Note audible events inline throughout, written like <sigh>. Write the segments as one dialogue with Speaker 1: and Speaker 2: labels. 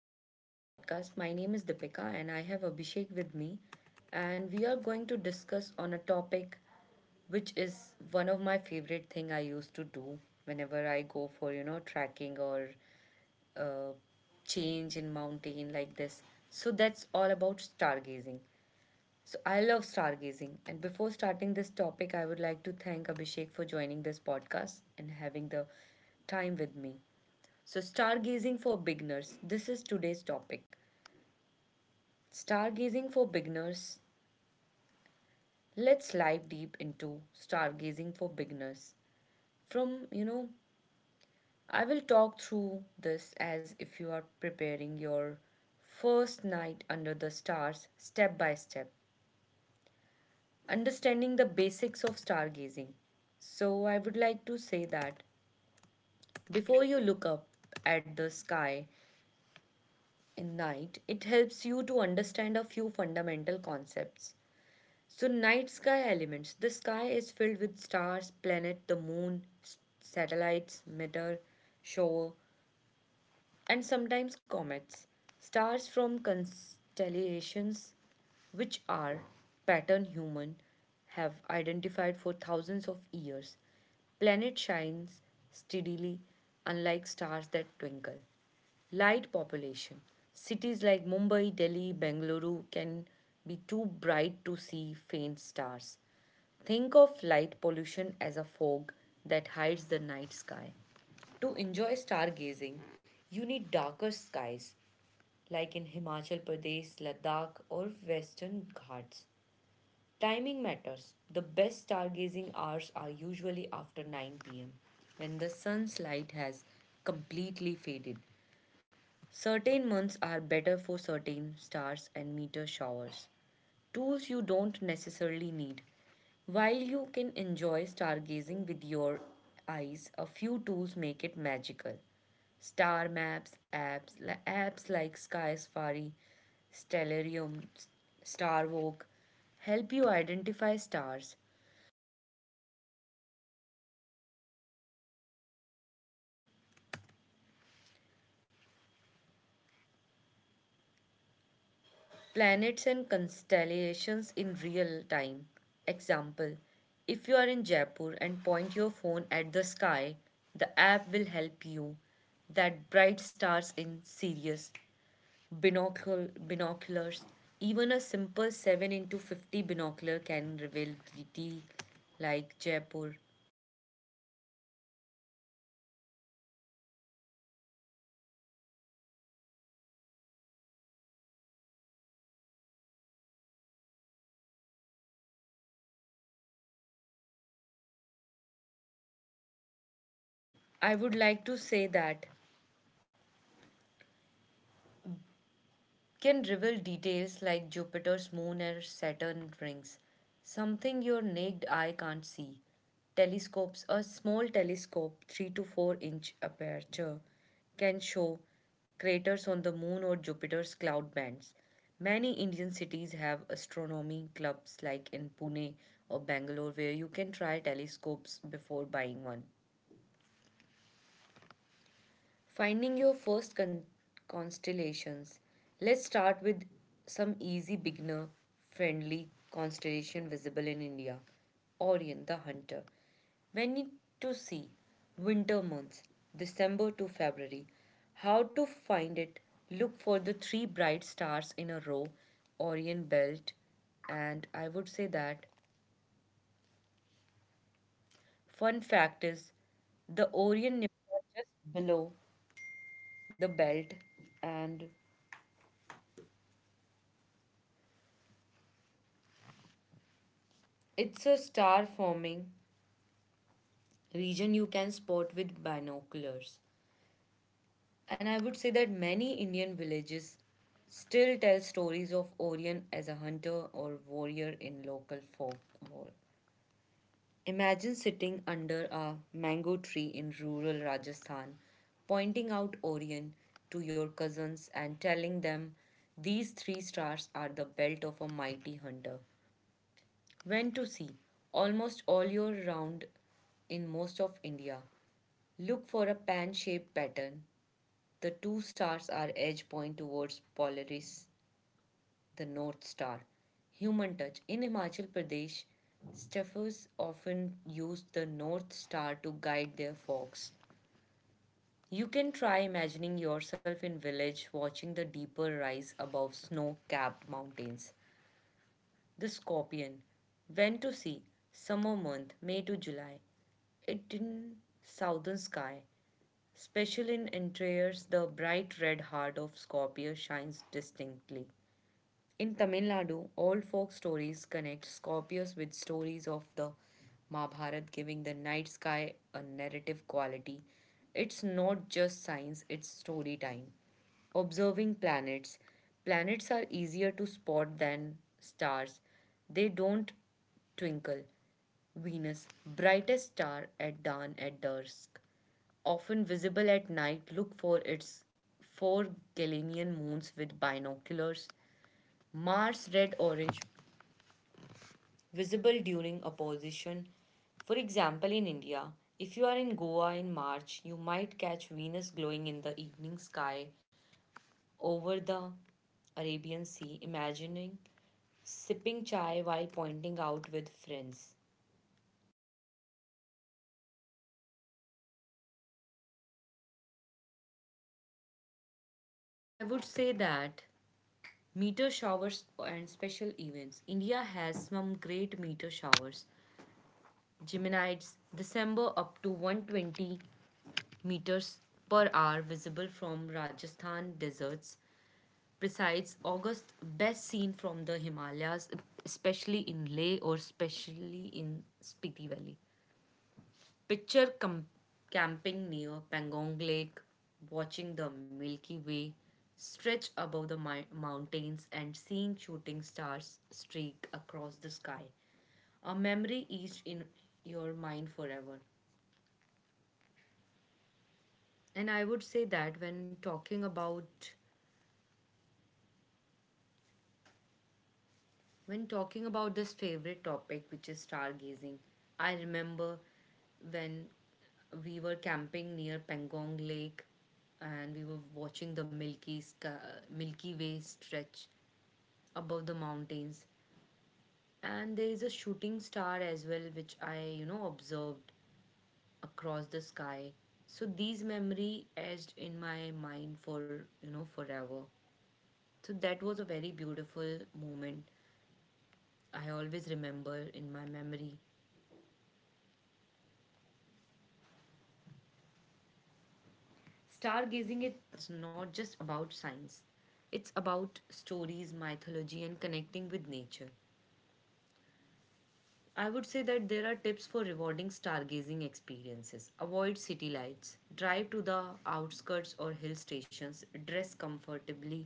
Speaker 1: for joining this podcast. My name is Deepika, and I have Abhishek with me, and we are going to discuss on a topic which is one of my favorite thing I used to do whenever I go for, tracking or uh, change in mountain like this. So that's all about stargazing. So, I love stargazing. And before starting this topic, I would like to thank Abhishek for joining this podcast and having the time with me. So, stargazing for beginners. This is today's topic. Stargazing for beginners. Let's dive deep into stargazing for beginners. From, I will talk through this as if you are preparing your first night under the stars step by step. Understanding the basics of stargazing. So, I would like to say that before you look up at the sky in night, it helps you to understand a few fundamental concepts. So, night sky elements, the sky is filled with stars, planet, the moon, satellites, meteor, shower, and sometimes comets. Stars from constellations which are pattern human have identified for thousands of years. Planet shines steadily, unlike stars that twinkle. Light population. Cities like Mumbai, Delhi, Bengaluru can be too bright to see faint stars. Think of light pollution as a fog that hides the night sky. To enjoy stargazing, you need darker skies, like in Himachal Pradesh, Ladakh, or Western Ghats. Timing matters. The best stargazing hours are usually after 9 p.m., when the sun's light has completely faded. Certain months are better for certain stars and meteor showers. Tools you don't necessarily need. While you can enjoy stargazing with your eyes, a few tools make it magical. Star maps, apps like Sky Safari, Stellarium, Starwalk help you identify stars, planets and constellations in real time. Example: if you are in Jaipur and point your phone at the sky, the app will help you that bright stars in Sirius. Binoculars, even a simple 7 into 50 binocular can reveal beauty like Jaipur. I would like to say that can reveal details like Jupiter's moon or Saturn rings, something your naked eye can't see. Telescopes, a small telescope, 3 to 4 inch aperture, can show craters on the moon or Jupiter's cloud bands. Many Indian cities have astronomy clubs like in Pune or Bangalore where you can try telescopes before buying one. Finding your first constellations. Let's start with some easy beginner friendly constellation visible in India. Orion the Hunter. Many to see winter months, December to February. How to find it? Look for the three bright stars in a row, Orion belt, and I would say that fun fact is the Orion nebula just below the belt, and it's a star forming region you can spot with binoculars. And I would say that many Indian villages still tell stories of Orion as a hunter or warrior in local folklore. Imagine sitting under a mango tree in rural Rajasthan, pointing out Orion to your cousins and telling them these three stars are the belt of a mighty hunter. When to see? Almost all year round in most of India. Look for a pan shaped pattern. The two stars are edge point towards Polaris, the North Star. Human touch. In Himachal Pradesh, staffers often use the North Star to guide their fox. You can try imagining yourself in village watching the deeper rise above snow capped mountains. The scorpion went to sea summer month, May to July. It in southern sky, special in interiors, the bright red heart of Scorpio shines distinctly. In Tamil Nadu, all folk stories connect Scorpius with stories of the Mahabharata, giving the night sky a narrative quality. It's not just science, it's story time. Observing planets. Planets are easier to spot than stars. They don't twinkle. Venus, brightest star at dawn at dusk, often visible at night, look for its four Galilean moons with binoculars. Mars red orange, visible during opposition. For example, in India, if you are in Goa in March, you might catch Venus glowing in the evening sky over the Arabian Sea, imagining sipping chai while pointing out with friends. And I would say that meteor showers and special events. India has some great meteor showers. Geminids, December, up to 120 meters per hour visible from Rajasthan deserts. Besides, August best seen from the Himalayas, especially in Leh or especially in Spiti Valley. Picture camping near Pangong Lake, watching the Milky Way stretch above the mountains and seeing shooting stars streak across the sky. A memory etched in your mind forever. And I would say that when talking about this favorite topic which is stargazing, I remember when we were camping near Pangong Lake and we were watching the Milky Way stretch above the mountains, and there is a shooting star as well which I observed across the sky. So these memory edged in my mind for forever. So that was a very beautiful moment I always remember in my memory. Stargazing is not just about science, it's about stories, mythology, and connecting with nature. I would say that there are tips for rewarding stargazing experiences. Avoid city lights. Drive to the outskirts or hill stations. Dress comfortably.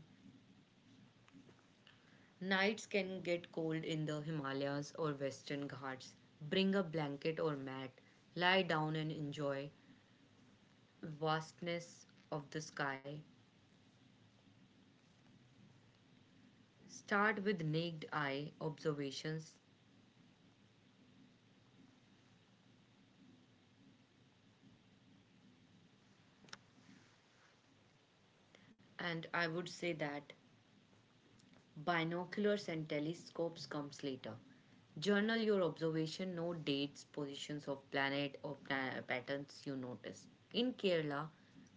Speaker 1: Nights can get cold in the Himalayas or Western Ghats. Bring a blanket or mat. Lie down and enjoy vastness of the sky. Start with naked eye observations, and I would say that binoculars and telescopes comes later. Journal your observation, note dates, positions of planet or patterns you notice. In Kerala,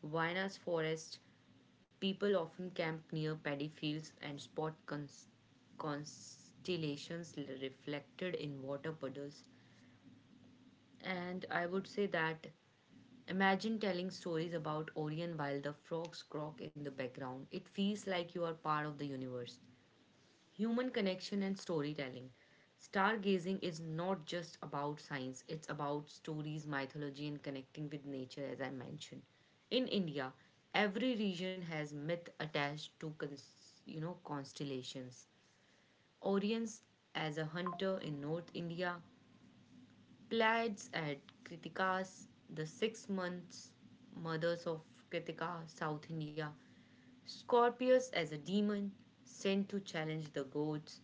Speaker 1: Vainas forest, people often camp near paddy fields and spot constellations reflected in water puddles. And I would say that imagine telling stories about Orion while the frogs croak in the background. It feels like you are part of the universe. Human connection and storytelling. Stargazing is not just about science, it's about stories, mythology, and connecting with nature, as I mentioned. In India, every region has myth attached to constellations. Orions as a hunter in North India, Blades at Kritika's, the 6 months mothers of Kritika, South India, Scorpius as a demon sent to challenge the gods,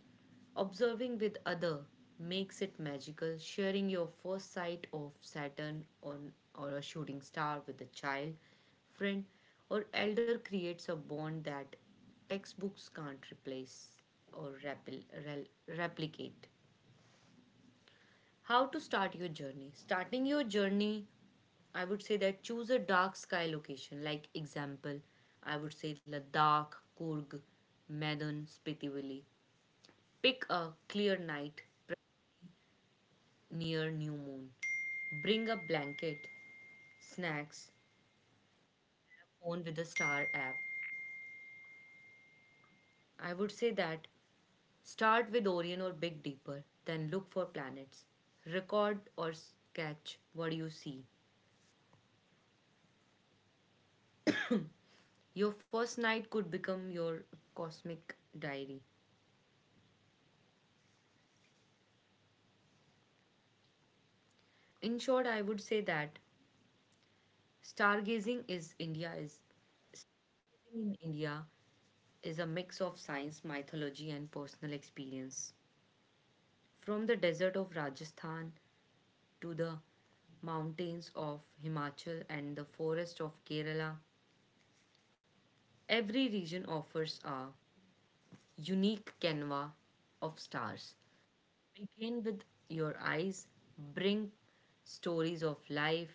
Speaker 1: observing with other makes it magical, sharing your first sight of Saturn on or a shooting star with a child, friend, or elder creates a bond that textbooks can't replace or replicate. How to start your journey? Starting your journey, I would say that choose a dark sky location. Like example, I would say Ladakh, Kurg, Medan, Spiti Valley. Pick a clear night near new moon. Bring a blanket, snacks, phone with a star app. I would say that start with Orion or Big Deeper, then look for planets. Record or sketch what you see. Your first night could become your cosmic diary. In short, I would say that stargazing is India is in India is a mix of science, mythology, and personal experience. From the desert of Rajasthan to the mountains of Himachal and the forest of Kerala, every region offers a unique canvas of stars. Begin with your eyes, bring stories of life,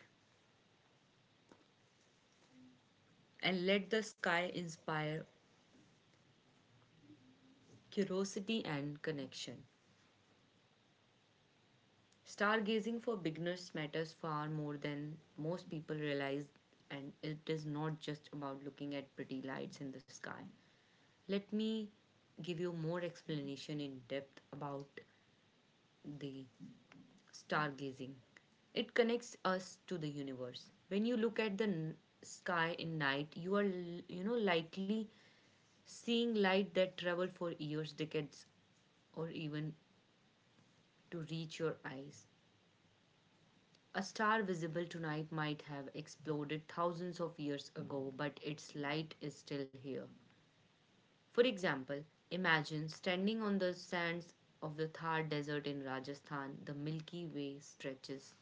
Speaker 1: and let the sky inspire curiosity and connection. Stargazing for beginners matters far more than most people realize, and it is not just about looking at pretty lights in the sky. Let me give you more explanation in depth about the stargazing. It connects us to the universe. When you look at the sky in night, you are likely seeing light that travel for years, decades, or even to reach your eyes. A star visible tonight might have exploded thousands of years ago, but its light is still here. For example, imagine standing on the sands of the Thar Desert in Rajasthan, the Milky Way stretches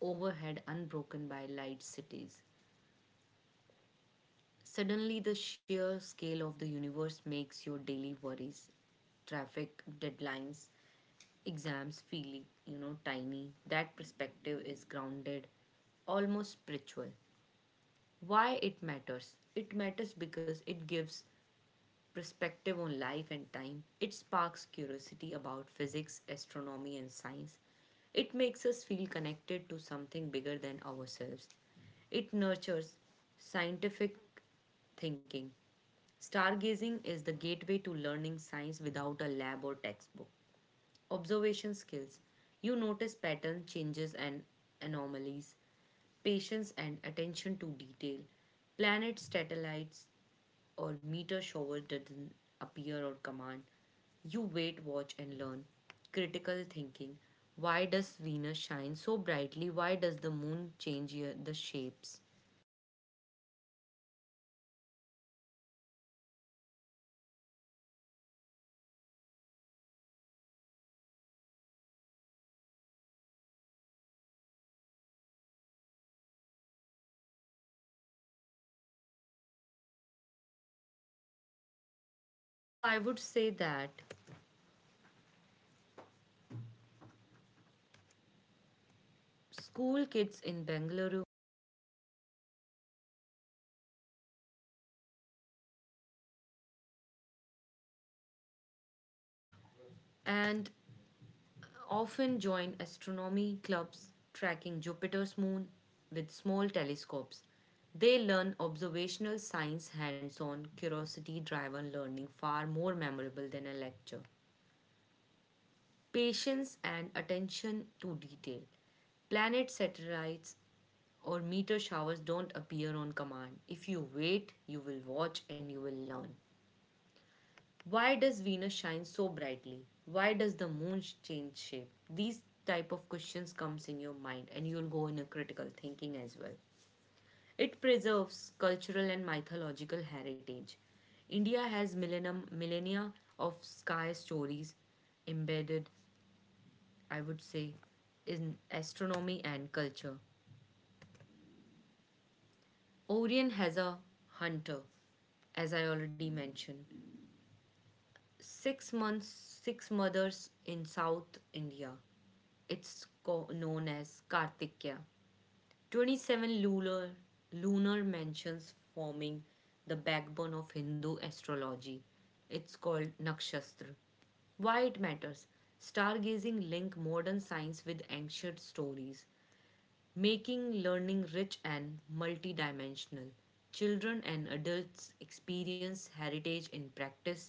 Speaker 1: overhead unbroken by light cities. Suddenly, the sheer scale of the universe makes your daily worries, traffic, deadlines, exams feel, tiny. That perspective is grounded, almost spiritual. Why it matters? It matters because it gives perspective on life and time. It sparks curiosity about physics, astronomy, and science. It makes us feel connected to something bigger than ourselves. It nurtures scientific thinking. Stargazing is the gateway to learning science without a lab or textbook. Observation skills. You notice pattern changes and anomalies, patience and attention to detail. Planets, satellites, or meteor shower doesn't appear or command. You wait, watch, and learn. Critical thinking. Why does Venus shine so brightly? Why does the moon change the shapes? So I would say that school kids in Bengaluru and often join astronomy clubs tracking Jupiter's moon with small telescopes. They learn observational science hands on, curiosity driven learning far more memorable than a lecture. Patience and attention to detail. Planet satellites or meteor showers don't appear on command. If you wait, you will watch and you will learn. Why does Venus shine so brightly? Why does the moon change shape? These type of questions comes in your mind and you'll go in a critical thinking as well. It preserves cultural and mythological heritage. India has millennia of sky stories embedded, I would say, in astronomy and culture. Orion has a hunter, as I already mentioned. 6 months, six mothers in South India. It's known as Kartikya. 27 lunar mansions forming the backbone of Hindu astrology. It's called Nakshatra. Why it matters? Stargazing link modern science with ancient stories, making learning rich and multidimensional. Children and adults experience heritage in practice,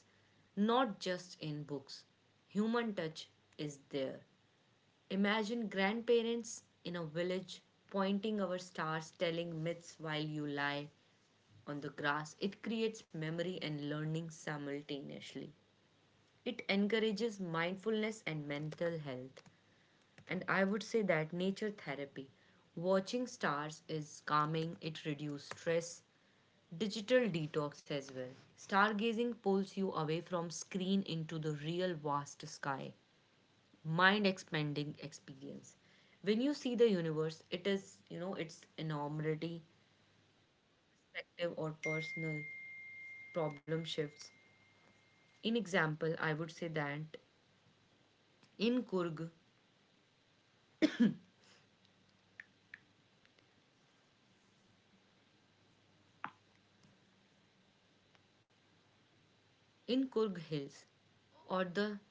Speaker 1: not just in books. Human touch is there. Imagine grandparents in a village pointing our stars, telling myths while you lie on the grass. It creates memory and learning simultaneously. It encourages mindfulness and mental health. And I would say that nature therapy. Watching stars is calming, it reduces stress, digital detox as well. Stargazing pulls you away from screen into the real vast sky. Mind expanding experience. When you see the universe, it is, its enormity, perspective, or personal problem shifts. In example, I would say that in Kurg, in Kurg Hills, or the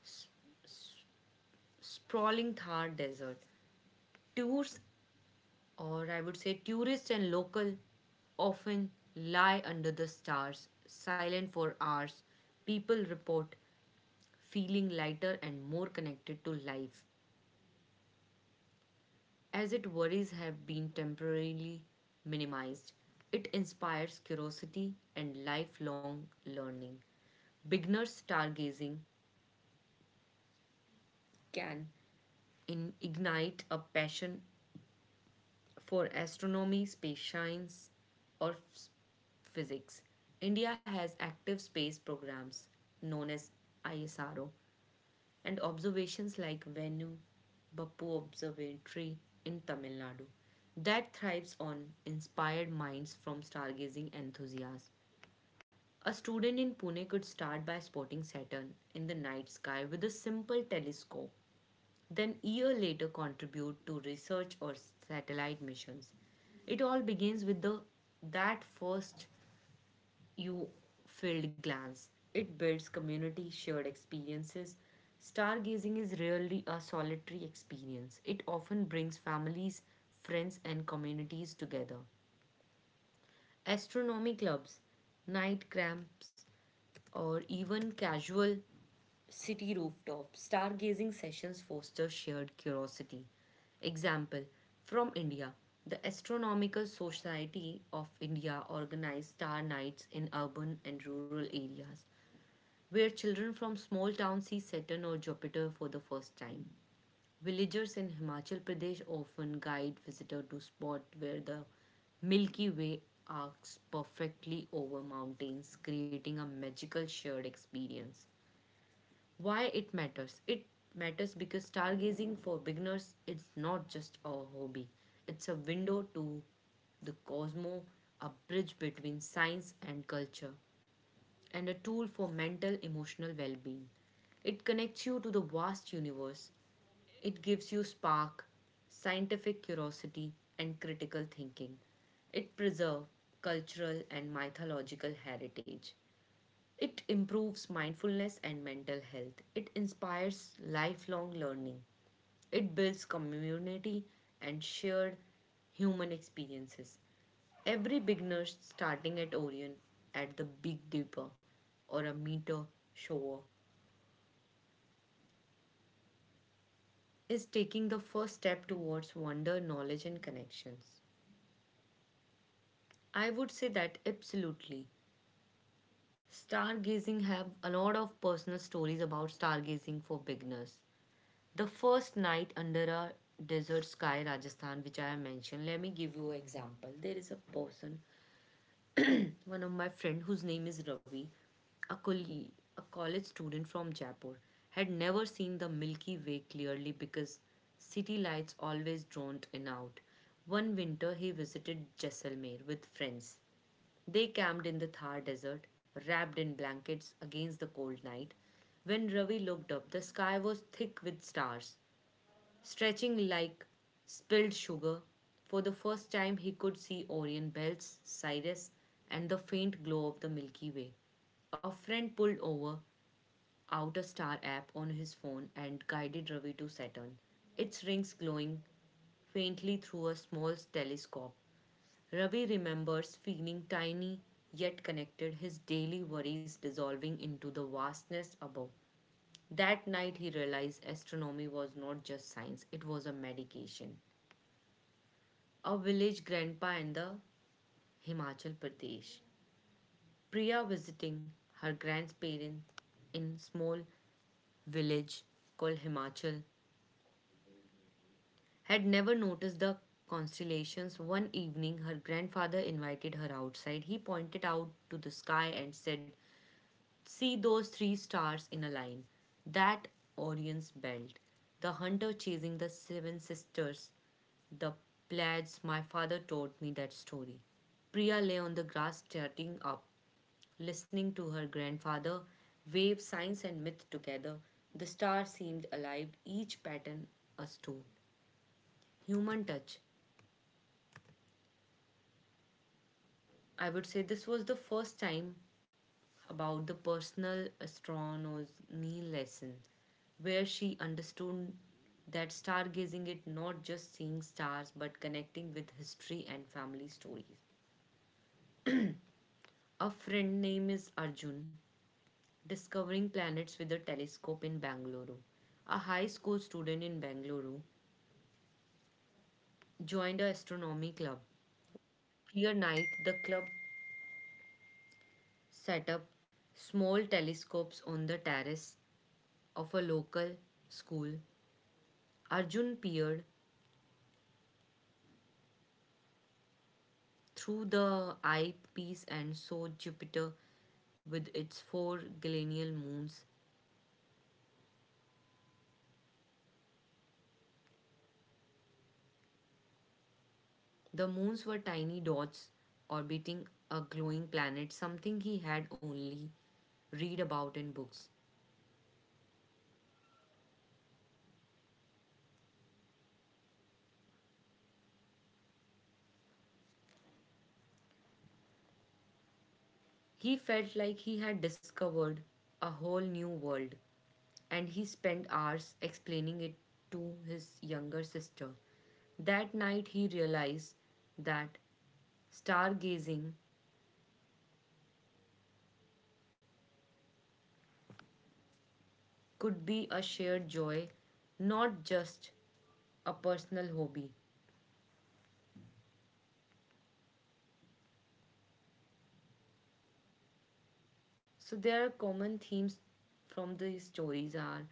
Speaker 1: sprawling Thar desert. Tours, or I would say tourists and local, often lie under the stars, silent for hours. People report feeling lighter and more connected to life. As its worries have been temporarily minimized, it inspires curiosity and lifelong learning. Beginner stargazing can ignite a passion for astronomy, space science, or physics. India has active space programs known as ISRO and observations like Venu Bappu Observatory in Tamil Nadu that thrives on inspired minds from stargazing enthusiasts. A student in Pune could start by spotting Saturn in the night sky with a simple telescope, then a year later contribute to research or satellite missions. It all begins with the that first you filled glance. It builds community shared experiences. Stargazing is rarely a solitary experience, it often brings families, friends and communities together. Astronomy clubs, night camps, or even casual city rooftop stargazing sessions foster shared curiosity. Example from India. The Astronomical Society of India organized star nights in urban and rural areas, where children from small towns see Saturn or Jupiter for the first time. Villagers in Himachal Pradesh often guide visitors to spots where the Milky Way arcs perfectly over mountains, creating a magical shared experience. Why it matters? It matters because stargazing for beginners is not just a hobby. It's a window to the cosmos, a bridge between science and culture, and a tool for mental emotional well-being. It connects you to the vast universe. It gives you spark, scientific curiosity, and critical thinking. It preserves cultural and mythological heritage. It improves mindfulness and mental health. It inspires lifelong learning. It builds community and shared human experiences. Every beginner starting at Orion, at the Big Dipper, or a meter shower is taking the first step towards wonder, knowledge, and connections. I would say that absolutely. Stargazing have a lot of personal stories about stargazing for beginners. The first night under a desert sky, Rajasthan, which I have mentioned, let me give you an example. There is a person, one of my friend whose name is Ravi, a, colle- a college student from Jaipur, had never seen the Milky Way clearly because city lights always droned in out. One winter, he visited Jaisalmer with friends. They camped in the Thar desert, wrapped in blankets against the cold night. When Ravi looked up, the sky was thick with stars stretching like spilled sugar. For the first time, he could see Orion belts, Sirius, and the faint glow of the Milky Way. A friend pulled over, out a star app on his phone, and guided Ravi to Saturn, its rings glowing faintly through a small telescope. Ravi remembers feeling tiny yet connected, his daily worries dissolving into the vastness above. That night, he realized astronomy was not just science, it was a medication. A village grandpa in the Himachal Pradesh. Priya visiting her grandparents in small village called Himachal had never noticed the constellations. One evening her grandfather invited her outside. He pointed out to the sky and said, "See those three stars in a line. That Orion's belt. The hunter chasing the seven sisters. The plaids, my father told me that story." Priya lay on the grass starting up, listening to her grandfather wave science and myth together. The stars seemed alive, each pattern a stone. Human touch. I would say this was the first time about the personal astronomy lesson, where she understood that stargazing is not just seeing stars but connecting with history and family stories. A friend named is Arjun, discovering planets with a telescope in Bangalore. A high school student in Bangalore joined a astronomy club. Clear night, the club set up small telescopes on the terrace of a local school. Arjun peered through the eyepiece and saw Jupiter with its four galenial moons. The moons were tiny dots orbiting a glowing planet, something he had only read about in books. He felt like he had discovered a whole new world, and he spent hours explaining it to his younger sister. That night, he realized that stargazing could be a shared joy, not just a personal hobby. So there are common themes from these stories are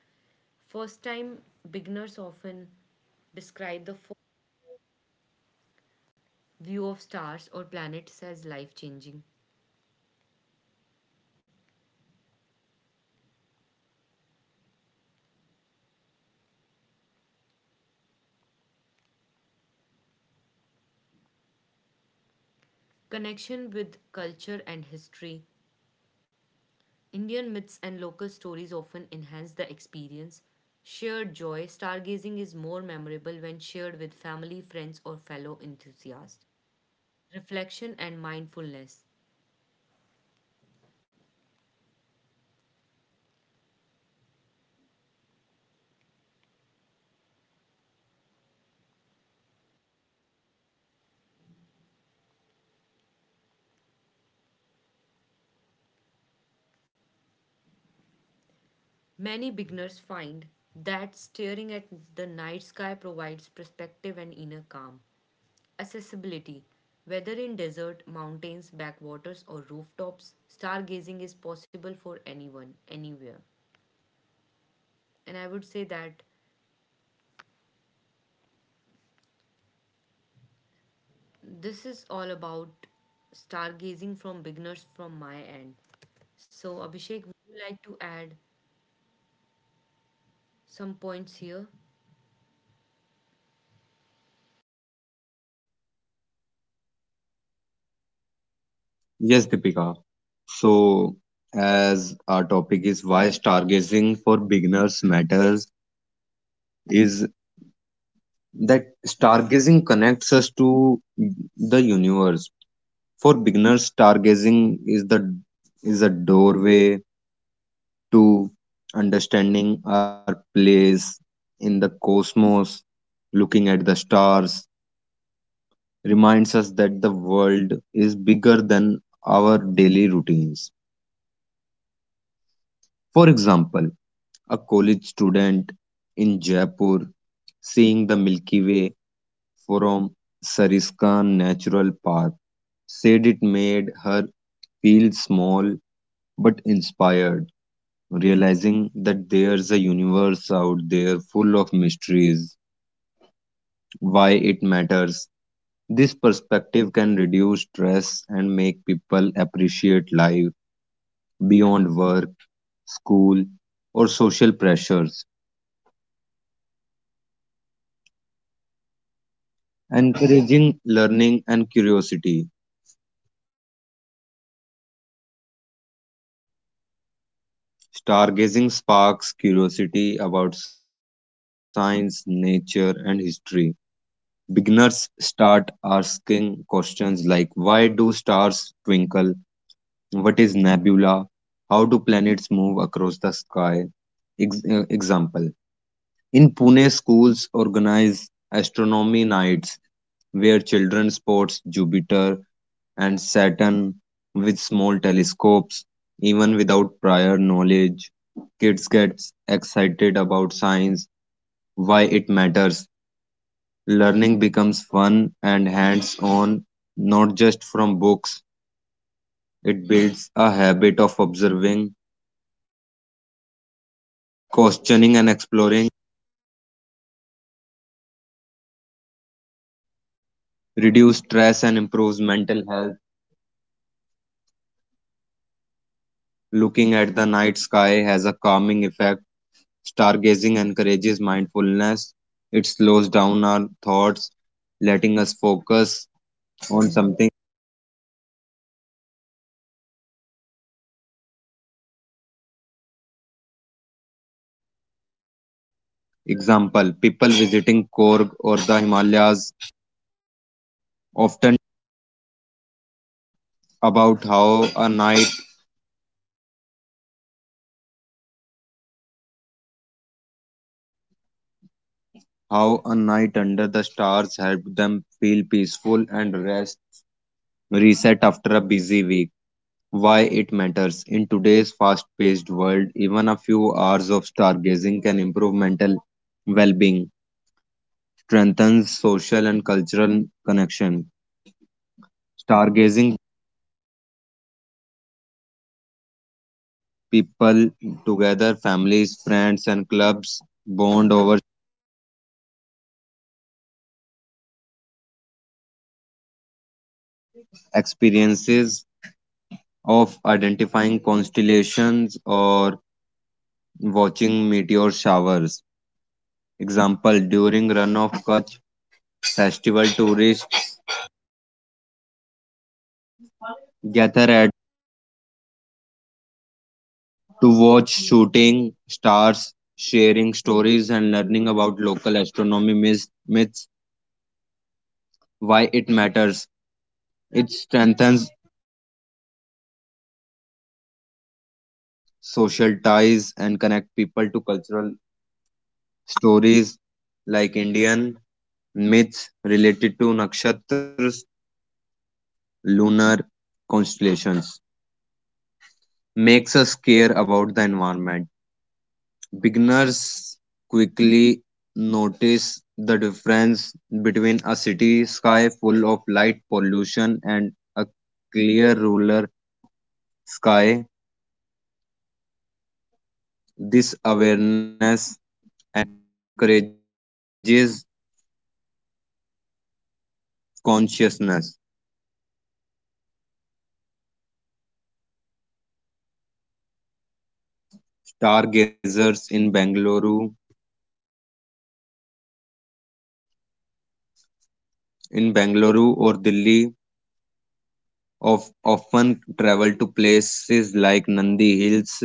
Speaker 1: first time beginners often describe the view of stars or planets as life changing. Connection with culture and history. Indian myths and local stories often enhance the experience. Shared joy. Stargazing is more memorable when shared with family, friends, or fellow enthusiasts. Reflection, and mindfulness. Many beginners find that staring at the night sky provides perspective and inner calm. Accessibility, whether in desert, mountains, backwaters, or rooftops, stargazing is possible for anyone, anywhere. And I would say that this is all about stargazing from beginners from my end. So, Abhishek, would you like to add some points here?
Speaker 2: Yes, Deepika. So, as our topic is why stargazing for beginners matters, is that stargazing connects us to the universe. For beginners, stargazing is a doorway to understanding our place in the cosmos. Looking at the stars reminds us that the world is bigger than our daily routines. For example, a college student in Jaipur seeing the Milky Way from Sariskan Natural Park said it made her feel small but inspired, realizing that there's a universe out there full of mysteries. Why it matters. This perspective can reduce stress and make people appreciate life beyond work, school, or social pressures. Encouraging learning and curiosity. Stargazing sparks curiosity about science, nature, and history. Beginners start asking questions like why do stars twinkle? What is nebula? How do planets move across the sky? Example. In Pune, schools organize astronomy nights where children spots Jupiter and Saturn with small telescopes. Even without prior knowledge, kids get excited about science. Why it matters. Learning becomes fun and hands on, not just from books. It builds a habit of observing, questioning, and exploring, reduce stress, and improves mental health. Looking at the night sky has a calming effect. Stargazing encourages mindfulness. It slows down our thoughts, letting us focus on something. Example. People visiting Korg or the Himalayas often about how a night under the stars helped them feel peaceful and rest reset after a busy week. Why it matters. In today's fast paced world, even a few hours of stargazing can improve mental well being, strengthen social and cultural connection. Stargazing people together, families, friends, and clubs bond over experiences of identifying constellations or watching meteor showers. Example, during run of Kutch festival, tourists gather at to watch shooting stars, sharing stories, and learning about local astronomy myths, why it matters. It strengthens social ties and connect people to cultural stories like Indian myths related to nakshatras, lunar constellations. Makes us care about the environment. Beginners quickly notice the difference between a city sky full of light pollution and a clear rural sky. This awareness encourages consciousness. Stargazers in Bangalore, in Bangalore or Delhi of often travel to places like Nandi Hills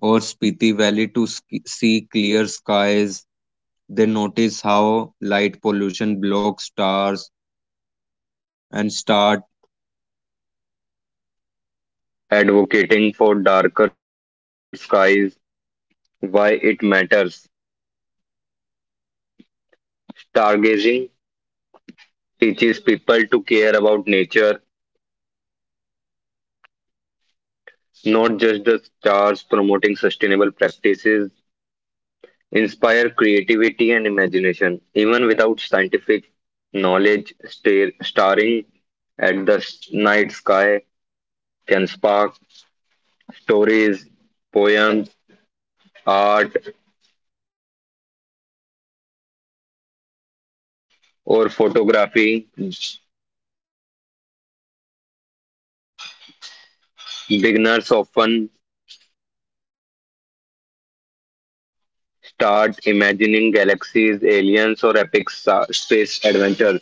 Speaker 2: or Spiti Valley to see clear skies. They notice how light pollution blocks stars and start advocating for darker skies. Why it matters. Stargazing teaches people to care about nature, not just the stars, promoting sustainable practices, inspire creativity and imagination. Even without scientific knowledge, starring at the night sky can spark stories, poems, art, or photography. Beginners often start imagining galaxies, aliens, or epic space adventures.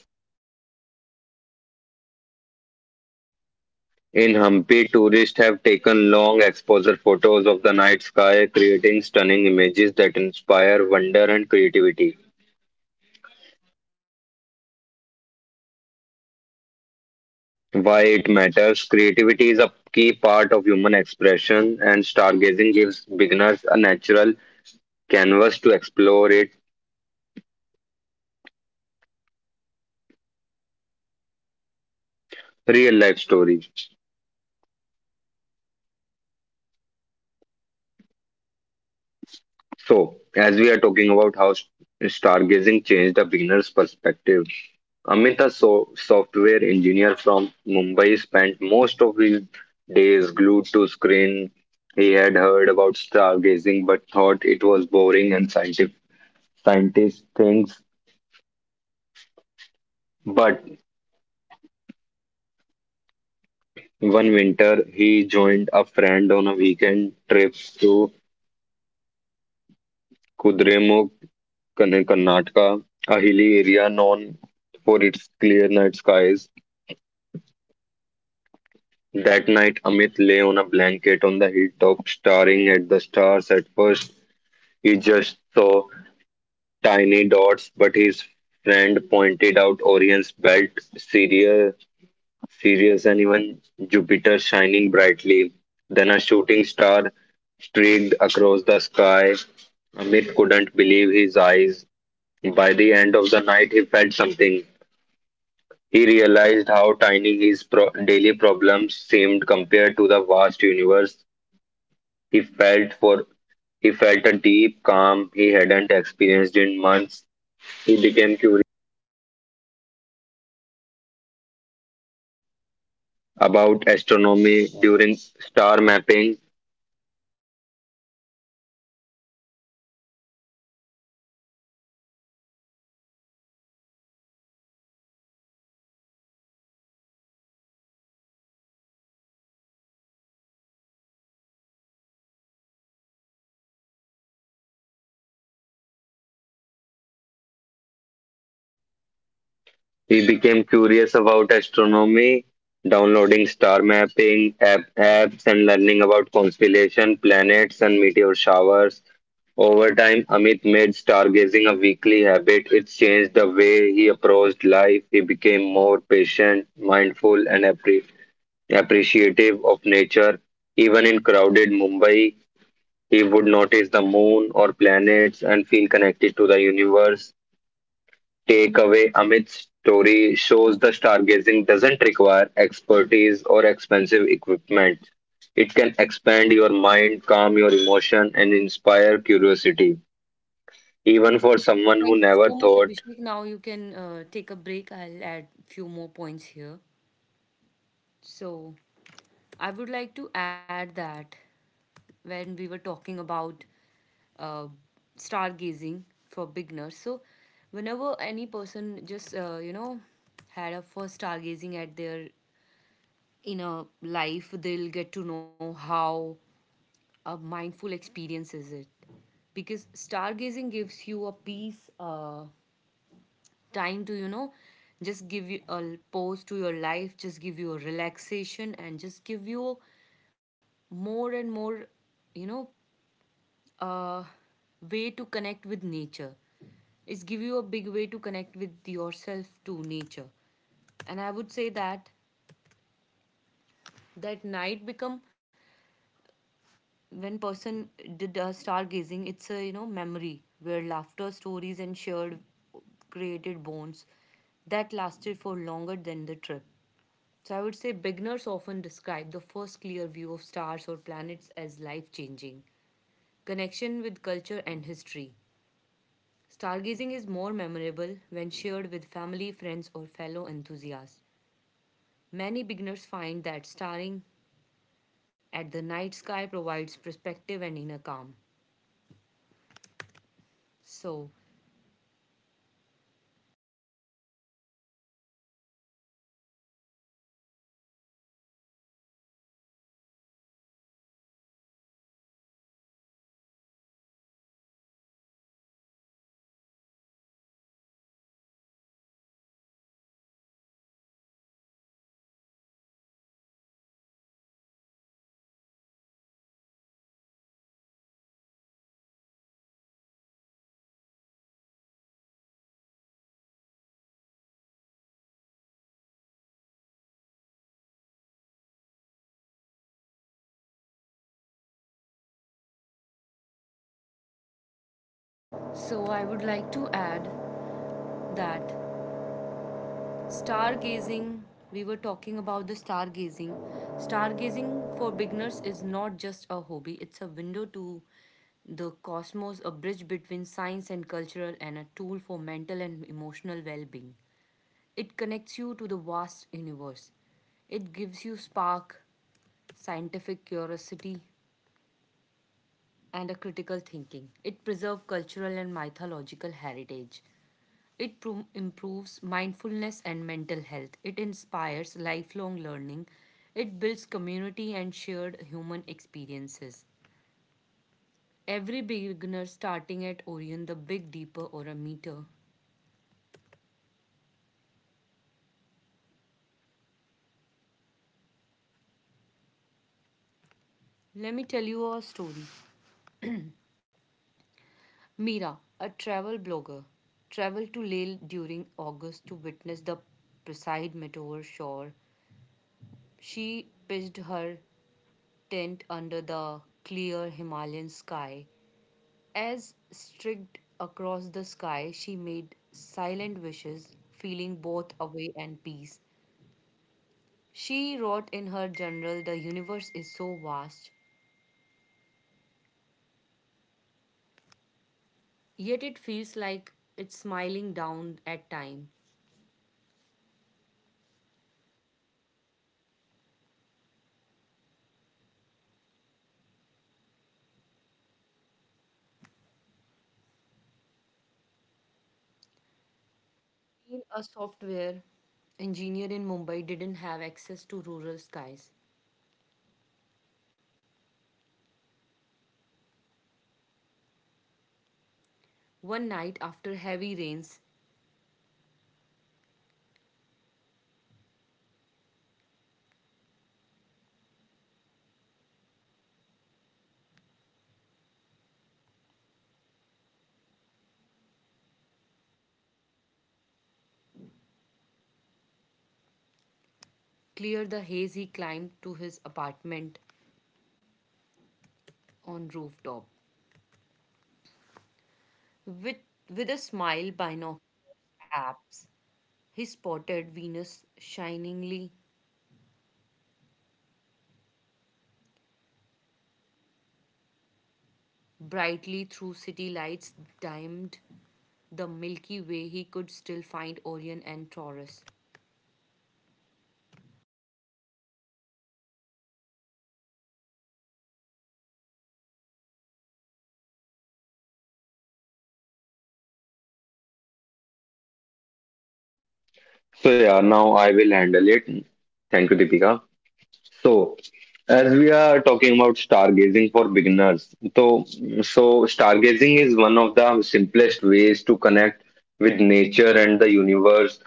Speaker 2: In Hampi, tourists have taken long exposure photos of the night sky, creating stunning images that inspire wonder and creativity. Why it matters? Creativity is a key part of human expression, and stargazing gives beginners a natural canvas to explore its real life stories. So, as we are talking about how stargazing changed a beginner's perspective, Amit, a software engineer from Mumbai, spent most of his days glued to screen. He had heard about stargazing but thought it was boring and scientific scientist things. But one winter, he joined a friend on a weekend trip to Kudremukh, Karnataka, a hilly area known for its clear night skies. That night, Amit lay on a blanket on the hilltop, staring at the stars. At first, he just saw tiny dots, but his friend pointed out Orion's belt, Sirius, Sirius, and even Jupiter shining brightly. Then a shooting star streaked across the sky. Amit couldn't believe his eyes. By the end of the night, he felt something. He realized how tiny his daily problems seemed compared to the vast universe. He felt for he felt a deep calm he hadn't experienced in months. He became curious about astronomy during star mapping. He became curious about astronomy, downloading star mapping apps and learning about constellation, planets, and meteor showers. Over time, Amit made stargazing a weekly habit. It changed the way he approached life. He became more patient, mindful, and appreciative of nature. Even in crowded Mumbai, he would notice the moon or planets and feel connected to the universe. Takeaway. Amit's story shows the stargazing doesn't require expertise or expensive equipment. It can expand your mind, calm your emotion, and inspire curiosity, even for someone
Speaker 1: Thank
Speaker 2: who
Speaker 1: you
Speaker 2: never
Speaker 1: so much,
Speaker 2: thought.
Speaker 1: Abhishek. Now you can take a break. I'll add few more points here. So, I would like to add that when we were talking about uh, stargazing for beginners, so whenever any person just had a first stargazing at their inner life, they'll get to know how a mindful experience is it, because stargazing gives you a peace. Time to just give you a pause to your life, just give you a relaxation and just give you more and more you know uh, way to connect with nature. It's give you a big way to connect with yourself to nature. And I would say that night become when person did stargazing. It's a memory where laughter stories and shared created bonds that lasted for longer than the trip. So I would say beginners often describe the first clear view of stars or planets as life changing. Connection with culture and history. Stargazing is more memorable when shared with family, friends, or fellow enthusiasts. Many beginners find that staring at the night sky provides perspective and inner calm. So, so, I would like to add that Stargazing, we were talking about the stargazing. Stargazing for beginners is not just a hobby, it's a window to the cosmos, a bridge between science and cultural, and a tool for mental and emotional well being. It connects you to the vast universe. It gives you spark, scientific curiosity, and a critical thinking. It preserves cultural and mythological heritage. It improves mindfulness and mental health. It inspires lifelong learning. It builds community and shared human experiences. Every beginner starting at Orion, the big deeper or a meter. Let me tell you a story. Mira, a travel blogger, traveled to Lale during August to witness the Poseid meteor shower. She pitched her tent under the clear Himalayan sky. As streaked across the sky, she made silent wishes, feeling both away and peace. She wrote in her journal, "The universe is so vast, yet it feels like it's smiling down at time." Being a software engineer in Mumbai didn't have access to rural skies. One night after heavy rains cleared the haze, he climbed to his apartment on rooftop with with a smile binoculars apps. He spotted Venus shiningly brightly through city lights, dimmed the Milky Way. He could still find Orion and Taurus.
Speaker 2: So, yeah, now I will handle it. Thank you, Deepika. So, as we are talking about stargazing for beginners, so stargazing is one of the simplest ways to connect with nature and the universe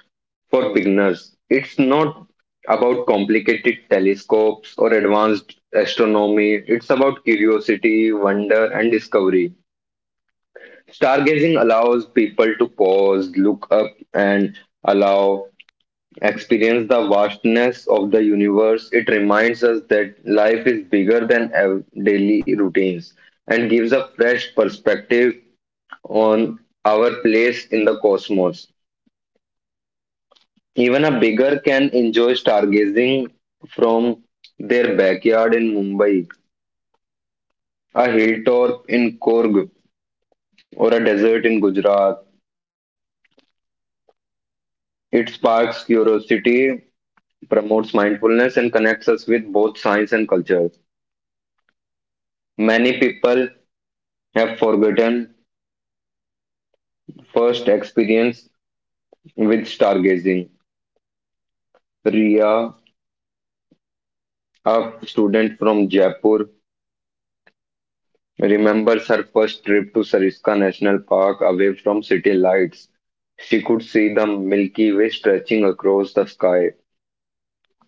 Speaker 2: for beginners. It's not about complicated telescopes or advanced astronomy. It's about curiosity, wonder, and discovery. Stargazing allows people to pause, look up, and allow experience the vastness of the universe. It reminds us that life is bigger than our daily routines and gives a fresh perspective on our place in the cosmos. Even a beggar can enjoy stargazing from their backyard in Mumbai, a hilltop in Korg, or a desert in Gujarat. It sparks curiosity, promotes mindfulness, and connects us with both science and culture. Many people have forgotten first experience with stargazing. Ria, a student from Jaipur, remembers her first trip to Sariska National Park away from city lights. She could see the Milky Way stretching across the sky.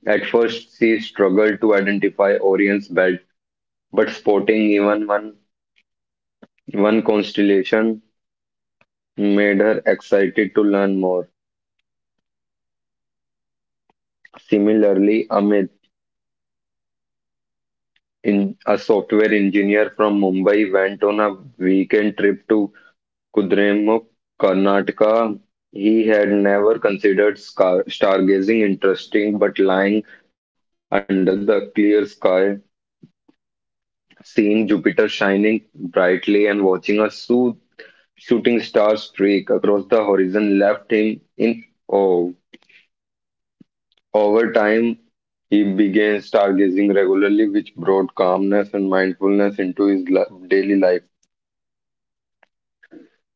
Speaker 2: At first, she struggled to identify Orion's belt, but spotting even one constellation made her excited to learn more. Similarly, Amit, in a software engineer from Mumbai went on a weekend trip to Kudremukh, Karnataka. He had never considered stargazing interesting, but lying under the clear sky, seeing Jupiter shining brightly and watching a shooting star streak across the horizon left him in awe. Over time, he began stargazing regularly, which brought calmness and mindfulness into his daily life.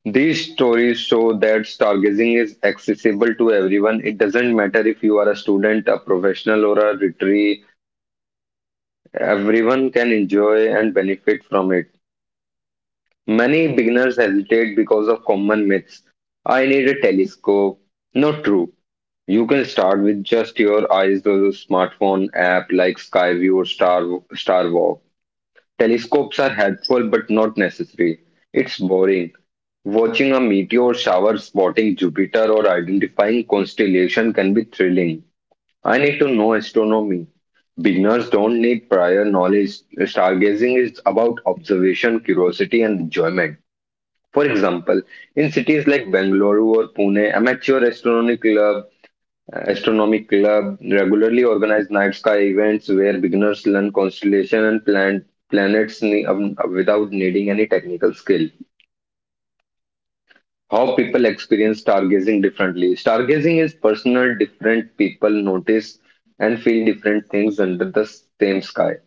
Speaker 2: These stories show that stargazing is accessible to everyone. It doesn't matter if you are a student, a professional, or a retiree, everyone can enjoy and benefit from it. Many beginners hesitate because of common myths. I need a telescope. Not true. You can start with just your eyes or your smartphone app like Skyview or Starwalk. Telescopes are helpful but not necessary. It's boring. Watching a meteor shower, spotting Jupiter, or identifying constellation can be thrilling. I need to know astronomy. Beginners don't need prior knowledge. Stargazing is about observation, curiosity, and enjoyment. For example, in cities like Bangalore or Pune, amateur astronomy club Astronomy Club regularly organize night sky events where beginners learn constellation and planets without needing any technical skill. How people experience stargazing differently. Stargazing is personal, different people notice and feel different things under the same sky.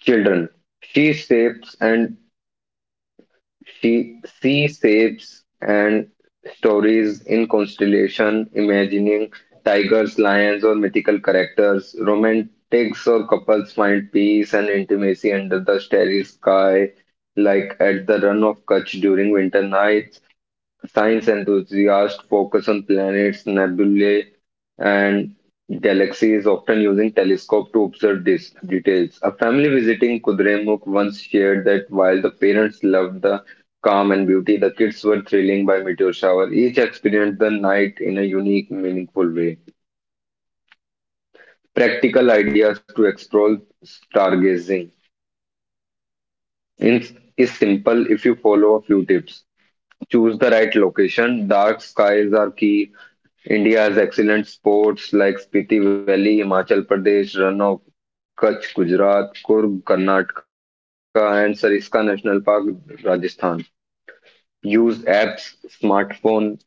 Speaker 2: Children. She shapes and She sees shapes and stories in constellation, imagining tigers, lions, or mythical characters. Romantics or couples find peace and intimacy under the starry sky, like at the run of Kutch during winter nights. Science enthusiasts focus on planets, nebulae, and galaxies, often using telescope to observe these details. A family visiting Kudremukh once shared that while the parents loved the calm and beauty, the kids were thrilling by meteor shower. Each experienced the night in a unique, meaningful way. Practical ideas to explore stargazing in, is simple if you follow a few tips. Choose the right location. Dark skies are key. India has excellent sports like Spiti Valley, Himachal Pradesh, Run of Kutch, Gujarat, Kurg, Karnataka, and Sariska National Park, Rajasthan. Use apps, smartphone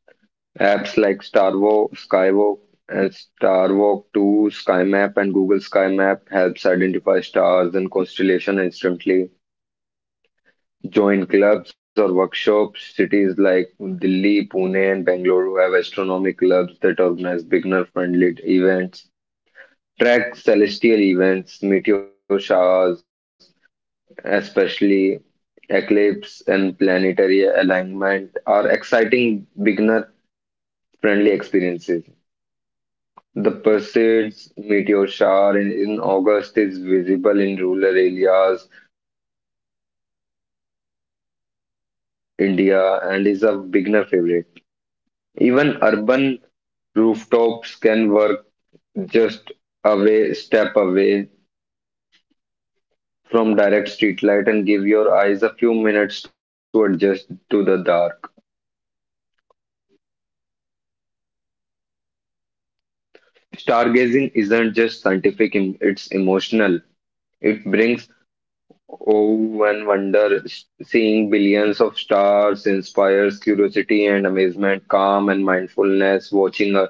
Speaker 2: apps like Starvo, Skywalk, and Starwalk 2, SkyMap, and Google SkyMap helps identify stars and constellation instantly. Join clubs or workshops. Cities like Delhi, Pune, and Bangalore have astronomy clubs that organize beginner-friendly events, track celestial events, meteor showers, especially eclipse and planetary alignment, are exciting beginner friendly experiences. The Perseids meteor shower in August is visible in rural areas, India, and is a beginner favorite. Even urban rooftops can work, just away step away from direct streetlight and give your eyes a few minutes to adjust to the dark. Stargazing isn't just scientific, it's emotional. It brings awe and wonder. Seeing billions of stars inspires curiosity and amazement, calm and mindfulness. Watching a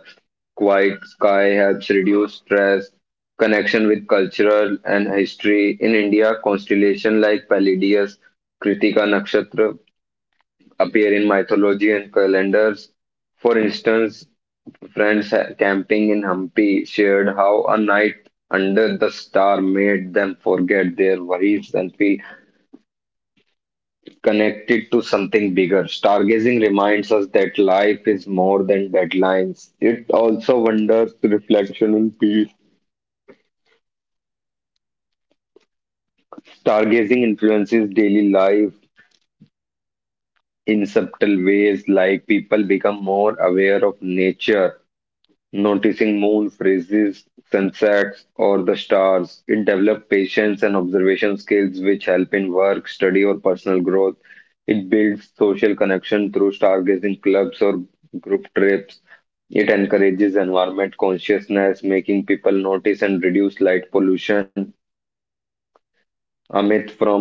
Speaker 2: quiet sky helps reduce stress, connection with cultural and history. In India, constellation like Palladius, Kritika Nakshatra appear in mythology and calendars. For instance, friends camping in Hampi shared how a night under the star made them forget their worries and feel connected to something bigger. Stargazing reminds us that life is more than deadlines. It also wonders reflection and peace. Stargazing influences daily life in subtle ways, like people become more aware of nature noticing moon phases, sunsets, or the stars. It develops patience and observation skills which help in work, study, or personal growth. It builds social connection through stargazing clubs or group trips. It encourages environment consciousness, making people notice and reduce light pollution. A myth from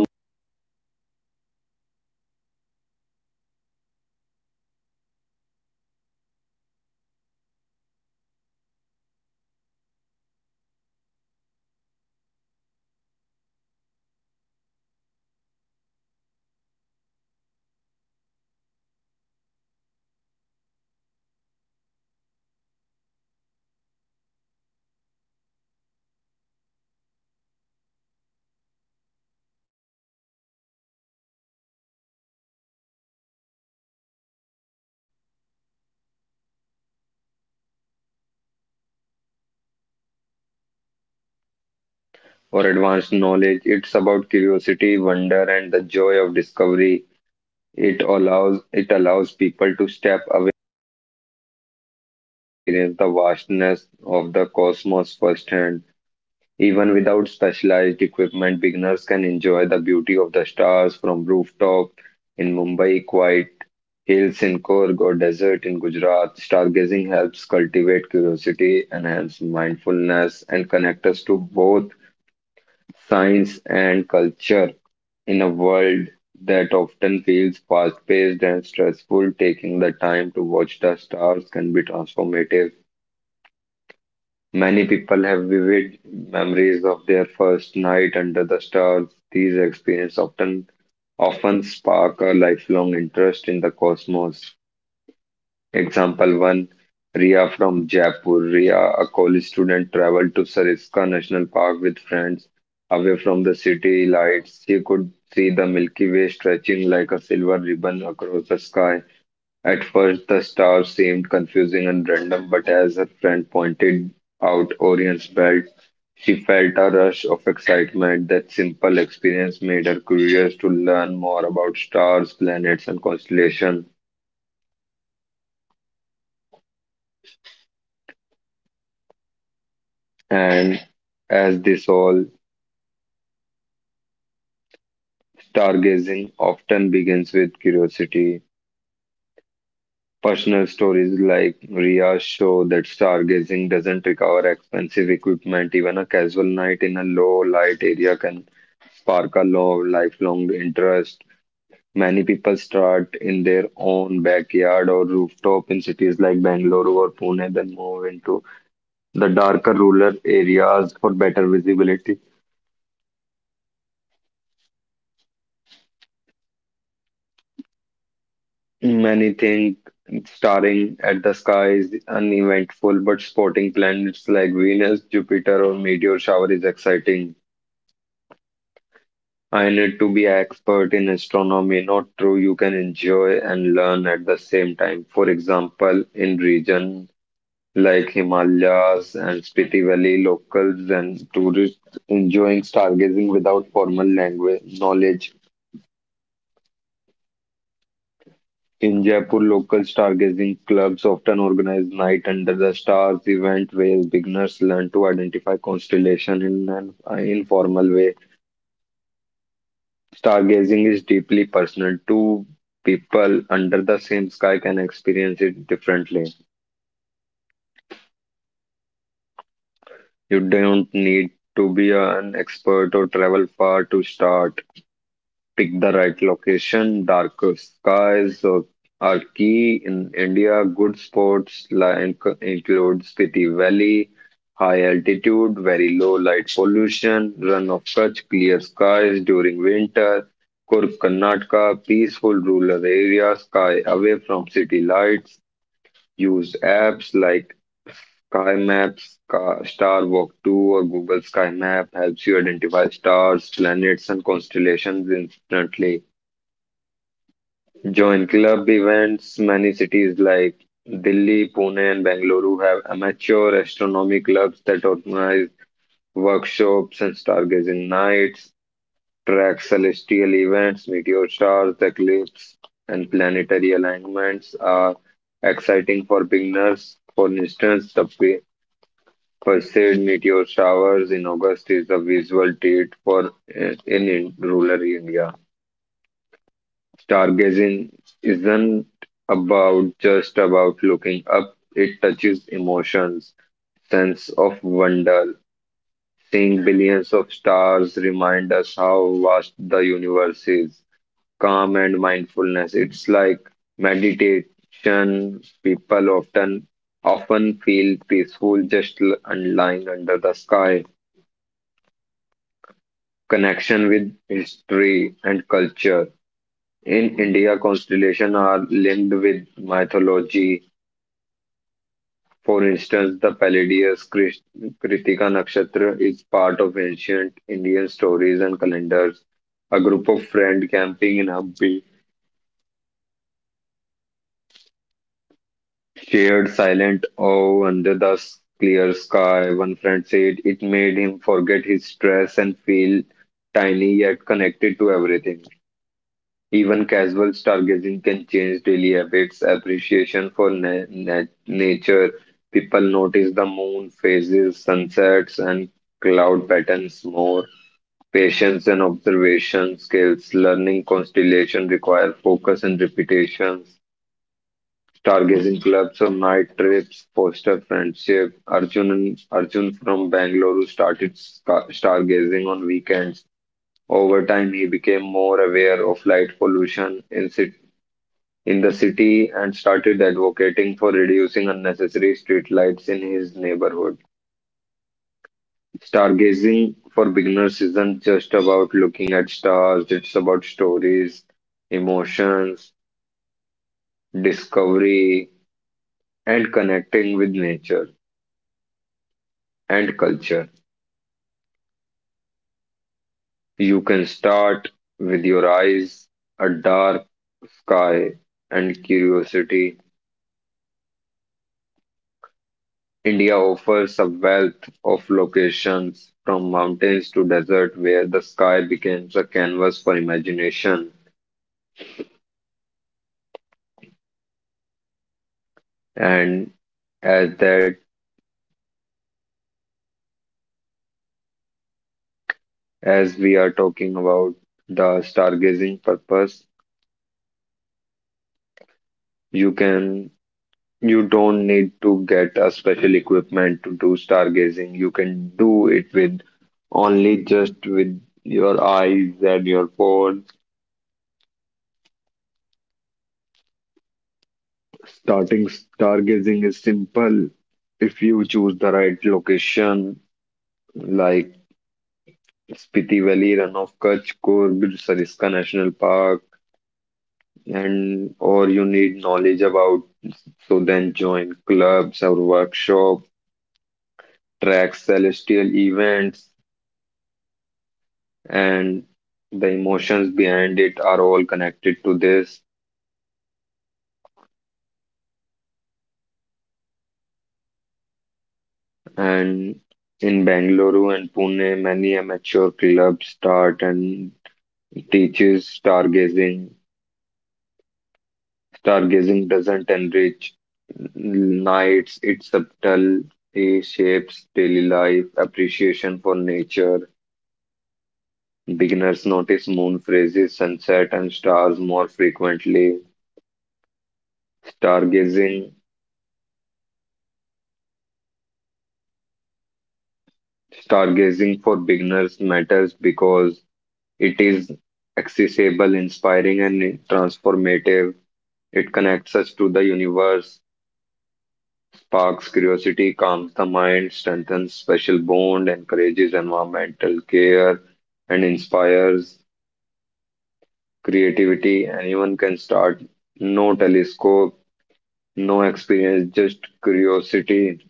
Speaker 2: or advanced knowledge. It's about curiosity, wonder, and the joy of discovery. It allows people to step away experience the vastness of the cosmos firsthand. Even without specialized equipment, beginners can enjoy the beauty of the stars from rooftop in Mumbai, quiet hills in Korg or desert in Gujarat. Stargazing helps cultivate curiosity, enhance mindfulness, and connect us to both science and culture in a world that often feels fast paced and stressful, taking the time to watch the stars can be transformative. Many people have vivid memories of their first night under the stars. These experiences often spark a lifelong interest in the cosmos. Example 1. Ria from Jaipur. Ria, a college student, traveled to Sariska National Park with friends away from the city lights. She could see the Milky Way stretching like a silver ribbon across the sky. At first, the stars seemed confusing and random, but as her friend pointed out Orion's belt, she felt a rush of excitement. That simple experience made her curious to learn more about stars, planets, and constellations. And as this all, stargazing often begins with curiosity. Personal stories like Ria's show that stargazing doesn't require expensive equipment. Even a casual night in a low light area can spark a love, lifelong interest. Many people start in their own backyard or rooftop in cities like Bangalore or Pune, then move into the darker rural areas for better visibility. Many think starring at the sky is uneventful, but spotting planets like Venus, Jupiter, or meteor shower is exciting. I need to be expert in astronomy, not true. You can enjoy and learn at the same time. For example, in region like Himalayas and Spiti Valley, locals and tourists enjoying stargazing without formal language knowledge. In Jaipur, local stargazing clubs often organize night under the stars event where beginners learn to identify constellation in an informal way. Stargazing is deeply personal. Two people under the same sky can experience it differently. You don't need to be an expert or travel far to start. Pick the right location. Dark skies are key in India. Good spots like include Spiti Valley, high altitude, very low light pollution, run of Kutch, clear skies during winter. Kurk, Karnataka, peaceful rural area, sky away from city lights. Use apps like Sky Maps, Star Walk 2, or Google Sky Map helps you identify stars, planets, and constellations instantly. Join club events. Many cities like Delhi, Pune, and Bengaluru have amateur astronomy clubs that organize workshops and stargazing nights. Track celestial events, meteor stars, eclipses, and planetary alignments are exciting for beginners. For instance, the Perseid meteor showers in August is a visual treat for in rural India. Stargazing isn't about just about looking up; it touches emotions, sense of wonder. Seeing billions of stars remind us how vast the universe is. Calm and mindfulness. It's like meditation. People often feel peaceful just and lying under the sky. Connection with history and culture. In India, constellations are linked with mythology. For instance, the Palladius Kritika Nakshatra is part of ancient Indian stories and calendars. A group of friends camping in Hampi Stared silent awe under the clear sky, one friend said it made him forget his stress and feel tiny yet connected to everything. Even casual stargazing can change daily habits, appreciation for nature. People notice the moon phases, sunsets, and cloud patterns more. Patience and observation skills, learning constellation require focus and repetitions. Stargazing clubs or night trips foster friendship. Arjun and Arjun from Bangalore who started stargazing on weekends. Over time, he became more aware of light pollution in the city and started advocating for reducing unnecessary street lights in his neighborhood. Stargazing for beginners isn't just about looking at stars, it's about stories, emotions, discovery, and connecting with nature and culture. You can start with your eyes, a dark sky, and curiosity. India offers a wealth of locations from mountains to desert where the sky becomes a canvas for imagination. And as that, as we are talking about the stargazing purpose, you can You don't need to get a special equipment to do stargazing. You can do it with only just with your eyes and your phone. Starting stargazing is simple if you choose the right location, like Spiti Valley, Run of Kutch, Kurg, Sariska National Park, and or you need knowledge about, so then join clubs or workshop, track celestial events, and the emotions behind it are all connected to this. And in Bangalore and Pune, many amateur clubs start and teaches stargazing. Stargazing doesn't enrich nights, it subtle, it shapes daily life, appreciation for nature. Beginners notice moon phases, sunset, and stars more frequently. Stargazing, stargazing for beginners matters because it is accessible, inspiring, and transformative. It connects us to the universe, sparks curiosity, calms the mind, strengthens special bond, encourages environmental care, and inspires creativity. Anyone can start. No telescope, no experience, just curiosity.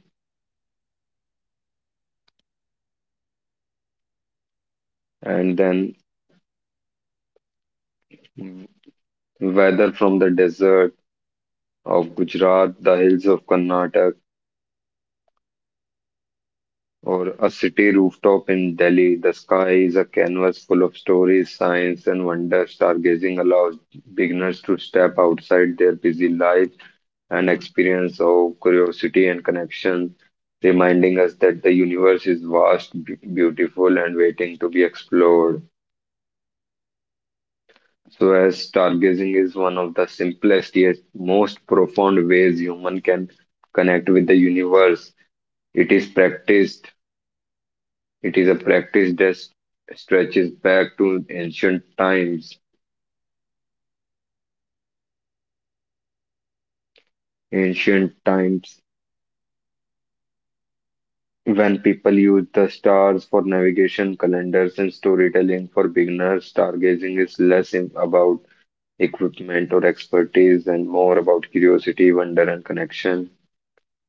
Speaker 2: And then, whether from the desert of Gujarat, the hills of Karnataka, or a city rooftop in Delhi, the sky is a canvas full of stories, science, and wonder. Stargazing allows beginners to step outside their busy life and experience awe, curiosity, and connection, reminding us that the universe is vast, beautiful, and waiting to be explored. So, as stargazing is one of the simplest yet most profound ways human can connect with the universe, it is practiced It is a practice that stretches back to ancient times. Ancient times when people used the stars for navigation, calendars, and storytelling. For beginners, stargazing is less about equipment or expertise and more about curiosity, wonder, and connection.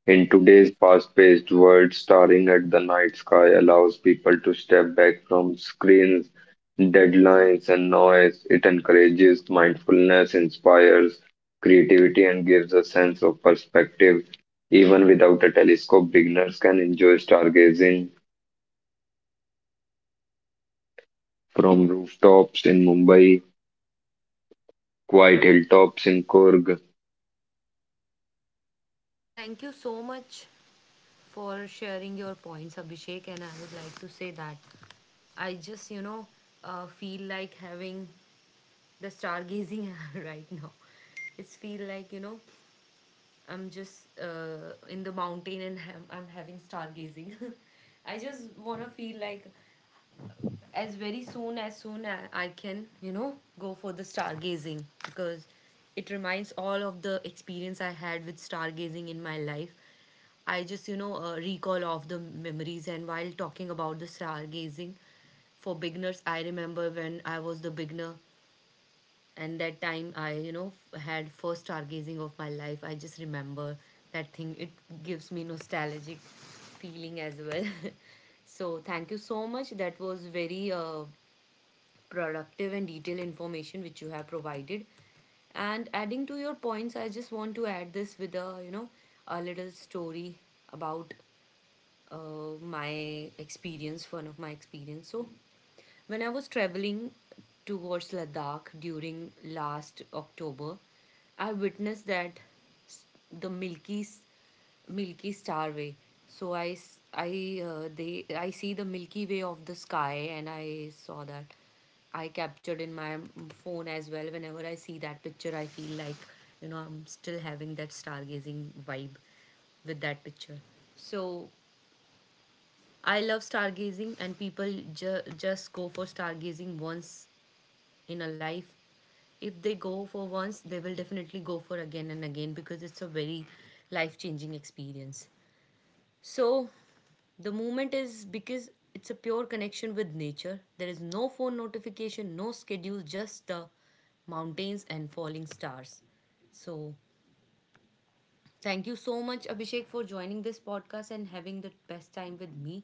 Speaker 2: In today's fast-paced world, staring at the night sky allows people to step back from screens, deadlines, and noise. It encourages mindfulness, inspires creativity, and gives a sense of perspective. Even without a telescope, beginners can enjoy stargazing from rooftops in Mumbai, quiet hilltops in Kurg,
Speaker 1: Thank you so much for sharing your points, Abhishek. And I would like to say that I just, you know, feel like having the stargazing <laughs> right now. It's feel like you know, I'm just in the mountain and I'm having stargazing. <laughs> I just wanna feel like as soon as I can, you know, go for the stargazing because it reminds all of the experience I had with stargazing in my life. I just, you know, recall of the memories, and while talking about the stargazing for beginners, I remember when I was the beginner and that time I, you know, had first stargazing of my life. I just remember that thing. It gives me nostalgic feeling as well. <laughs> So thank you so much. That was very productive and detailed information which you have provided. And adding to your points, I just want to add this with a you know a little story about my experience, one of my experience. So when I was traveling towards Ladakh during last October, I witnessed that s- the Milky Star Way. So I see the Milky Way of the sky, and I saw that I captured in my phone as well. Whenever I see that picture, I feel like you know I'm still having that stargazing vibe with that picture. So I love stargazing, and people just go for stargazing once in a life. If they go for once, they will definitely go for again and again because it's a very life changing experience. So, the moment is because it's a pure connection with nature. There is no phone notification, no schedule, just the mountains and falling stars. So, thank you so much, Abhishek, for joining this podcast and having the best time with me.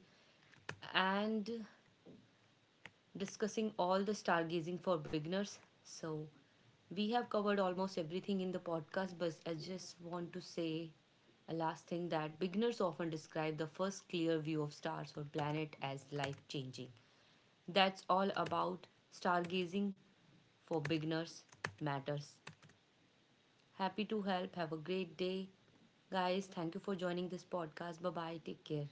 Speaker 1: And discussing all the stargazing for beginners. So, we have covered almost everything in the podcast, but I just want to say a last thing that beginners often describe the first clear view of stars or planet as life changing. That's all about stargazing for beginners matters. Happy to help. Have a great day. Guys, thank you for joining this podcast. Bye bye. Take care.